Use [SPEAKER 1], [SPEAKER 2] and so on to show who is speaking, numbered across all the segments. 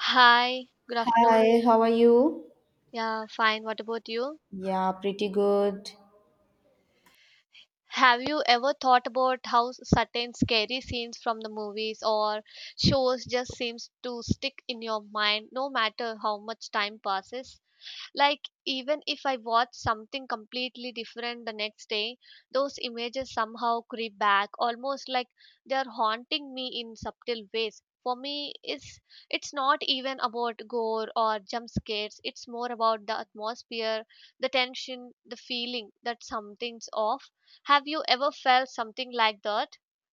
[SPEAKER 1] Hi, good afternoon.
[SPEAKER 2] Hi, how are you?
[SPEAKER 1] Yeah, fine. What about you?
[SPEAKER 2] Yeah, pretty good.
[SPEAKER 1] Have you ever thought about how certain scary scenes from the movies or shows just seems to stick in your mind no matter how much time passes? Like even if I watch something completely different the next day, those images somehow creep back, almost like they are haunting me in subtle ways. For me, it's not even about gore or jump scares. It's more about the atmosphere, the tension, the feeling that something's off. Have you ever felt something like that,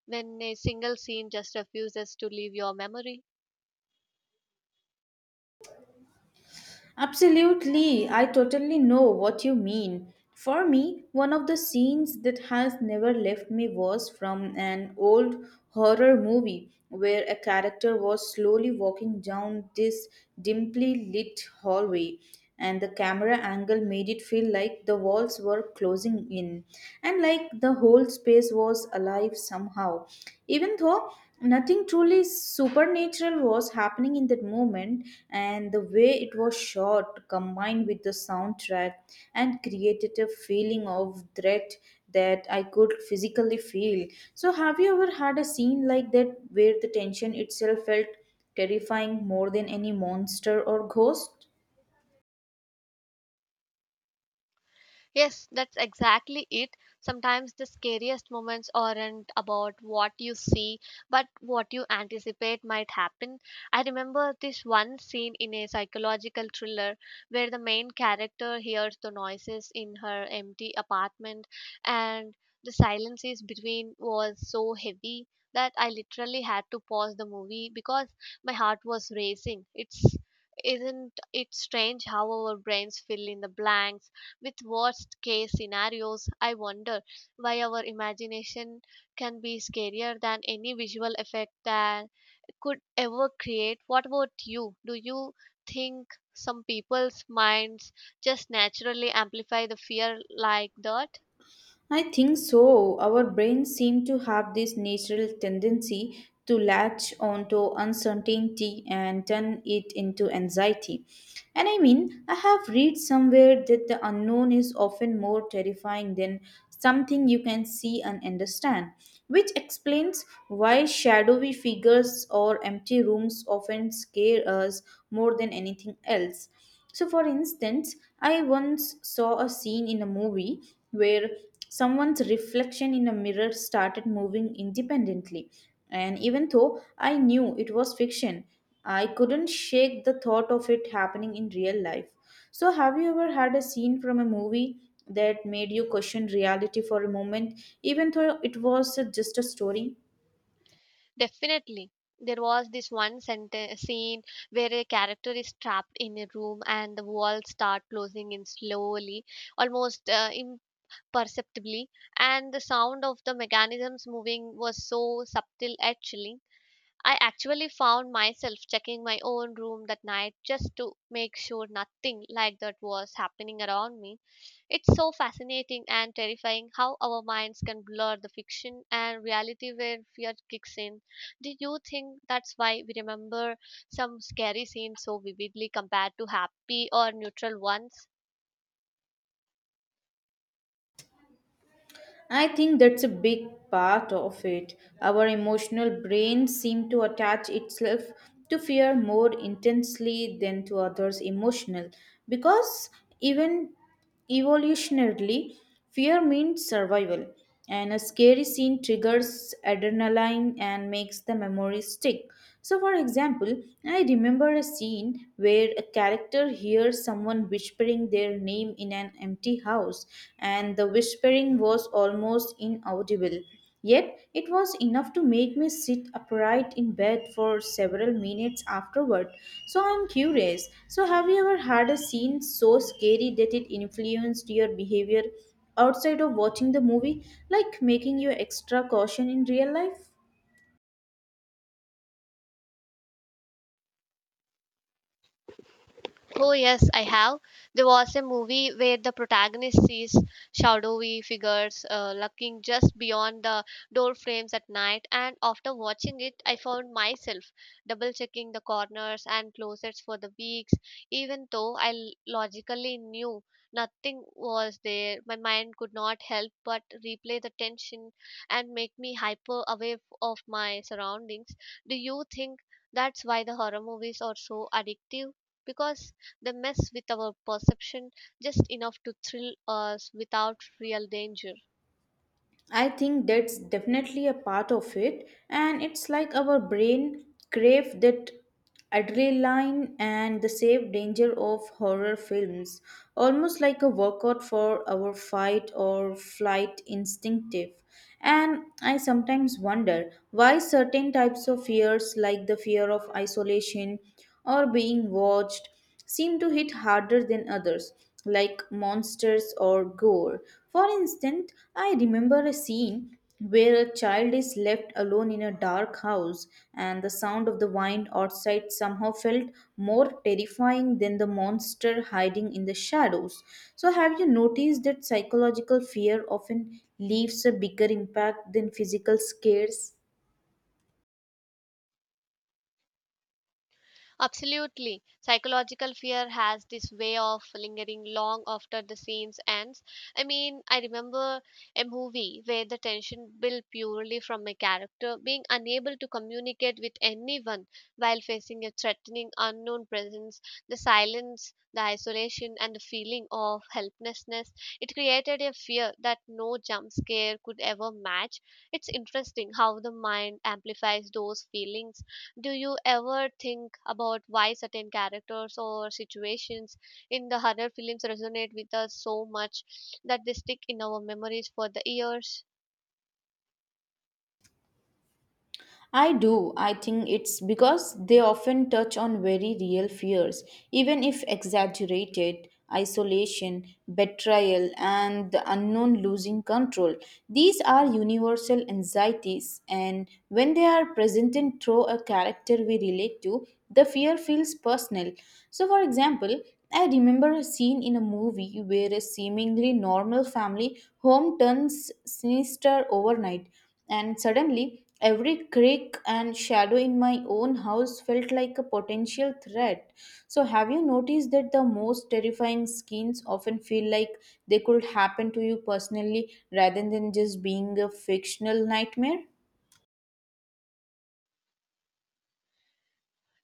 [SPEAKER 1] when a single scene just refuses to leave your memory?
[SPEAKER 2] Absolutely, I totally know what you mean. For me, one of the scenes that has never left me was from an old horror movie where a character was slowly walking down this dimly lit hallway. And the camera angle made it feel like the walls were closing in, and like the whole space was alive somehow, even though nothing truly supernatural was happening in that moment. And the way it was shot, combined with the soundtrack, and created a feeling of threat that I could physically feel. So have you ever had a scene like that, where the tension itself felt terrifying, more than any monster or ghost?
[SPEAKER 1] Yes, that's exactly it. Sometimes the scariest moments aren't about what you see, but what you anticipate might happen. I remember this one scene in a psychological thriller where the main character hears the noises in her empty apartment, and the silences between was so heavy that I literally had to pause the movie because my heart was racing. It's Isn't it strange how our brains fill in the blanks with worst case scenarios? I wonder why our imagination can be scarier than any visual effect that could ever create. What about you? Do you think some people's minds just naturally amplify the fear like that?
[SPEAKER 2] I think so. Our brains seem to have this natural tendency to latch onto uncertainty and turn it into anxiety. And I mean, I have read somewhere that the unknown is often more terrifying than something you can see and understand, which explains why shadowy figures or empty rooms often scare us more than anything else. So, for instance, I once saw a scene in a movie where someone's reflection in a mirror started moving independently. And even though I knew it was fiction, I couldn't shake the thought of it happening in real life. So, have you ever had a scene from a movie that made you question reality for a moment, even though it was just a story?
[SPEAKER 1] Definitely. There was this one senten scene where a character is trapped in a room and the walls start closing in slowly, almost perceptibly, and the sound of the mechanisms moving was so subtle actually. I actually found myself checking my own room that night just to make sure nothing like that was happening around me. It's so fascinating and terrifying how our minds can blur the fiction and reality where fear kicks in. Do you think that's why we remember some scary scenes so vividly compared to happy or neutral ones?
[SPEAKER 2] I think that's a big part of it. Our emotional brains seem to attach itself to fear more intensely than to others' emotional, because even evolutionarily, fear means survival, and a scary scene triggers adrenaline and makes the memory stick. So, for example, I remember a scene where a character hears someone whispering their name in an empty house, and the whispering was almost inaudible. Yet, it was enough to make me sit upright in bed for several minutes afterward. So, I'm curious. So, have you ever had a scene so scary that it influenced your behavior outside of watching the movie, like making you extra caution in real life?
[SPEAKER 1] Oh yes, I have. There was a movie where the protagonist sees shadowy figures lurking just beyond the door frames at night, and after watching it, I found myself double checking the corners and closets for the weeks, even though I logically knew nothing was there. My mind could not help but replay the tension and make me hyper aware of my surroundings. Do you think that's why the horror movies are so addictive? Because they mess with our perception just enough to thrill us without real danger.
[SPEAKER 2] I think that's definitely a part of it, and it's like our brain crave that adrenaline and the safe danger of horror films, almost like a workout for our fight or flight instinctive. And I sometimes wonder why certain types of fears, like the fear of isolation or being watched, seem to hit harder than others, like monsters or gore. For instance, I remember a scene where a child is left alone in a dark house, and the sound of the wind outside somehow felt more terrifying than the monster hiding in the shadows. So, have you noticed that psychological fear often leaves a bigger impact than physical scares?
[SPEAKER 1] Absolutely. Psychological fear has this way of lingering long after the scenes ends. I mean, I remember a movie where the tension built purely from a character being unable to communicate with anyone while facing a threatening unknown presence, the silence, the isolation, and the feeling of helplessness. It created a fear that no jump scare could ever match. It's interesting how the mind amplifies those feelings. Do you ever think about why certain characters or situations in the horror films resonate with us so much that they stick in our memories for the years?
[SPEAKER 2] I do. I think it's because they often touch on very real fears, even if exaggerated: isolation, betrayal, and the unknown, losing control. These are universal anxieties, and when they are presented through a character we relate to, the fear feels personal. So, for example, I remember a scene in a movie where a seemingly normal family home turns sinister overnight, and suddenly, every creak and shadow in my own house felt like a potential threat. So, have you noticed that the most terrifying scenes often feel like they could happen to you personally, rather than just being a fictional nightmare?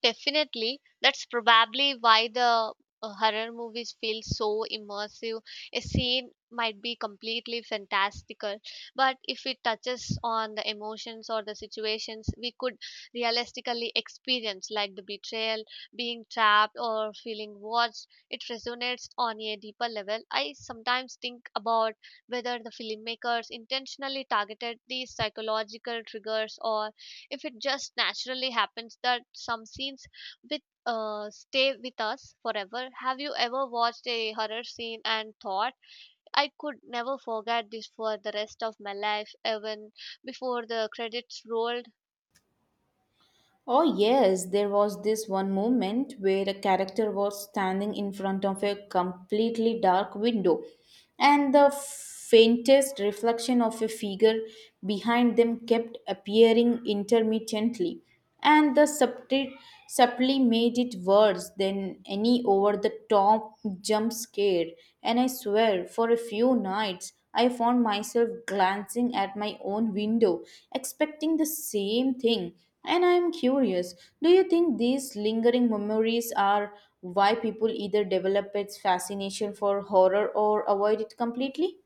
[SPEAKER 1] Definitely. That's probably why the horror movies feel so immersive. A scene might be completely fantastical, but if it touches on the emotions or the situations we could realistically experience, like the betrayal, being trapped, or feeling watched, it resonates on a deeper level. I sometimes think about whether the filmmakers intentionally targeted these psychological triggers, or if it just naturally happens that some scenes with stay with us forever. Have you ever watched a horror scene and thought, I could never forget this for the rest of my life, even before the credits rolled?
[SPEAKER 2] Oh, yes, there was this one moment where a character was standing in front of a completely dark window, and the faintest reflection of a figure behind them kept appearing intermittently, and the subtly made it worse than any over the top jump scare. And I swear, for a few nights, I found myself glancing at my own window, expecting the same thing. And I'm curious, do you think these lingering memories are why people either develop its fascination for horror or avoid it completely?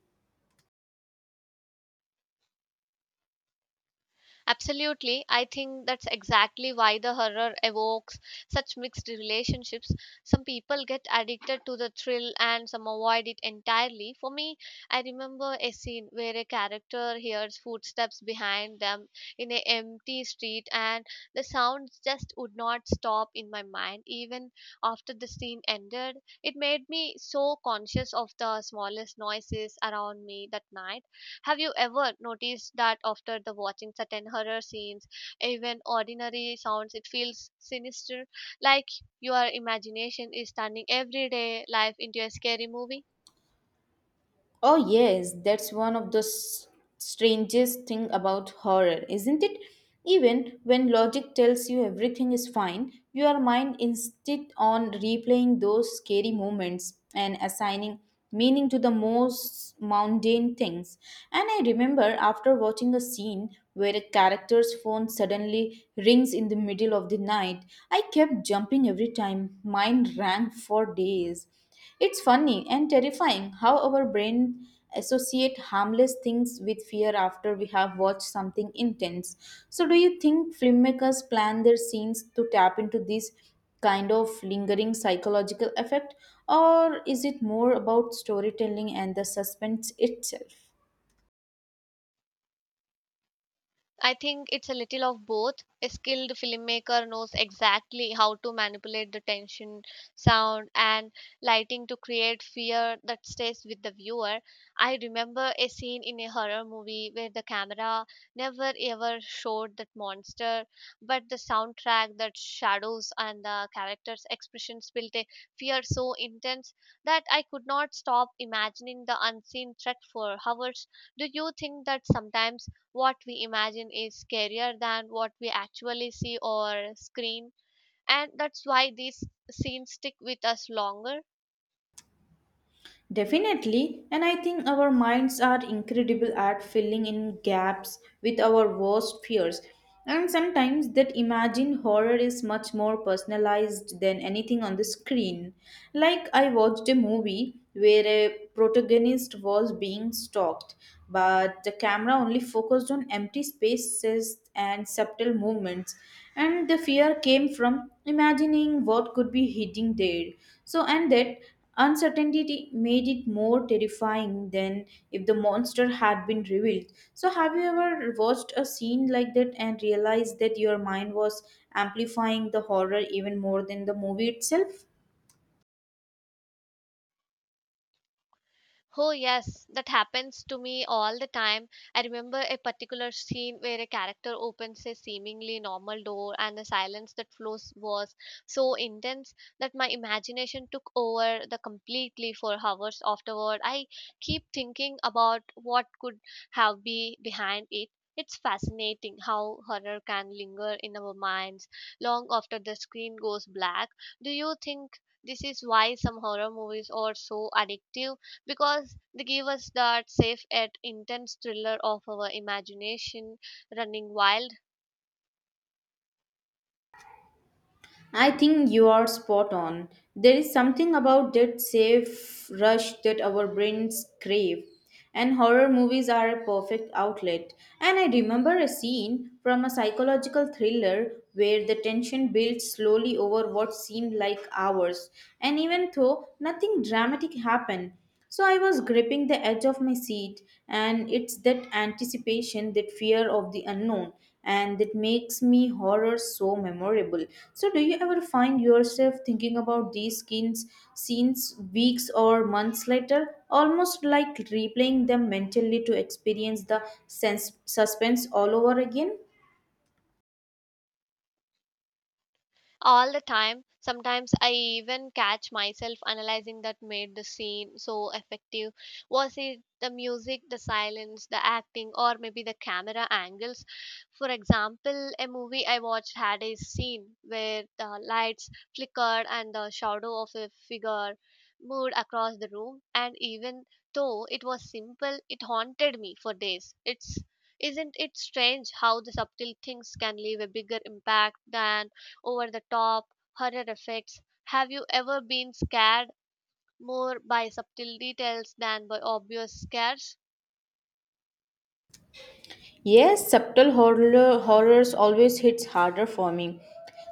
[SPEAKER 1] Absolutely. I think that's exactly why the horror evokes such mixed relationships. Some people get addicted to the thrill and some avoid it entirely. For me, I remember a scene where a character hears footsteps behind them in an empty street, and the sounds just would not stop in my mind even after the scene ended. It made me so conscious of the smallest noises around me that night. Have you ever noticed that after the watching certain horror scenes, even ordinary sounds, it feels sinister, like your imagination is turning everyday life into a scary movie?
[SPEAKER 2] Oh yes, that's one of the strangest thing about horror, isn't it? Even when logic tells you everything is fine, your mind insists on replaying those scary moments and assigning meaning to the most mundane things. And I remember after watching a scene where a character's phone suddenly rings in the middle of the night, I kept jumping every time mine rang for days. It's funny and terrifying how our brain associate harmless things with fear after we have watched something intense. So do you think filmmakers plan their scenes to tap into this kind of lingering psychological effect, or is it more about storytelling and the suspense itself?
[SPEAKER 1] I think it's a little of both. A skilled filmmaker knows exactly how to manipulate the tension, sound, and lighting to create fear that stays with the viewer. I remember a scene in a horror movie where the camera never ever showed that monster, but the soundtrack, that shadows, and the characters' expressions built a fear so intense that I could not stop imagining the unseen threat for hours. Do you think that sometimes what we imagine is scarier than what we actually see or screen, and that's why these scenes stick with us longer?
[SPEAKER 2] Definitely, and I think our minds are incredible at filling in gaps with our worst fears. And sometimes that imagined horror is much more personalized than anything on the screen. Like, I watched a movie where a protagonist was being stalked, but the camera only focused on empty spaces and subtle movements. And the fear came from imagining what could be hidden there. So, and that uncertainty made it more terrifying than if the monster had been revealed. So, have you ever watched a scene like that and realized that your mind was amplifying the horror even more than the movie itself?
[SPEAKER 1] Oh yes, that happens to me all the time. I remember a particular scene where a character opens a seemingly normal door, and the silence that flows was so intense that my imagination took over the completely for hours afterward. I keep thinking about what could have been behind it. It's fascinating how horror can linger in our minds long after the screen goes black. Do you think this is why some horror movies are so addictive? Because they give us that safe yet intense thriller of our imagination running wild.
[SPEAKER 2] I think you are spot on. There is something about that safe rush that our brains crave, and horror movies are a perfect outlet. And I remember a scene from a psychological thriller where the tension built slowly over what seemed like hours, and even though nothing dramatic happened, so I was gripping the edge of my seat, and it's that anticipation, that fear of the unknown, and that makes me horror so memorable. So, do you ever find yourself thinking about these scenes weeks or months later, almost like replaying them mentally to experience the suspense all over again?
[SPEAKER 1] All the time. Sometimes I even catch myself analyzing that made the scene so effective. Was it the music, the silence, the acting, or maybe the camera angles? For example, a movie I watched had a scene where the lights flickered and the shadow of a figure moved across the room, and even though it was simple, it haunted me for days. It's Isn't it strange how the subtle things can leave a bigger impact than over the top horror effects? Have you ever been scared more by subtle details than by obvious scares?
[SPEAKER 2] Yes, subtle horrors always hits harder for me.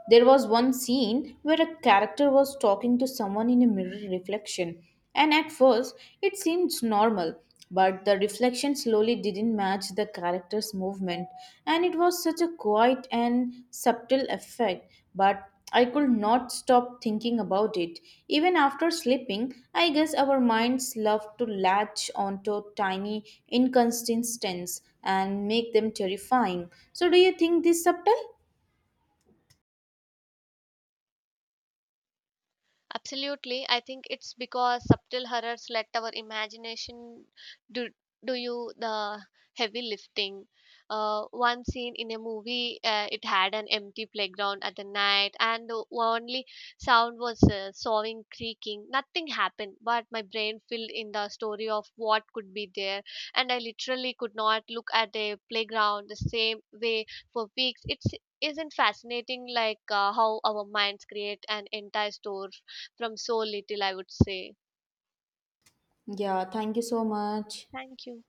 [SPEAKER 2] There was one scene where a character was talking to someone in a mirror reflection, and at first it seemed normal, but the reflection slowly didn't match the character's movement, and it was such a quiet and subtle effect, but I could not stop thinking about it. Even after sleeping, I guess our minds love to latch onto tiny inconsistencies and make them terrifying. So, do you think this subtle?
[SPEAKER 1] Absolutely. I think it's because subtle horrors let our imagination do, do you the heavy lifting. One scene in a movie, it had an empty playground at the night, and the only sound was sawing creaking. Nothing happened, but my brain filled in the story of what could be there, and I literally could not look at a playground the same way for weeks. It's Isn't fascinating like how our minds create an entire story from so little, I would say.
[SPEAKER 2] Yeah, thank you so much.
[SPEAKER 1] Thank you.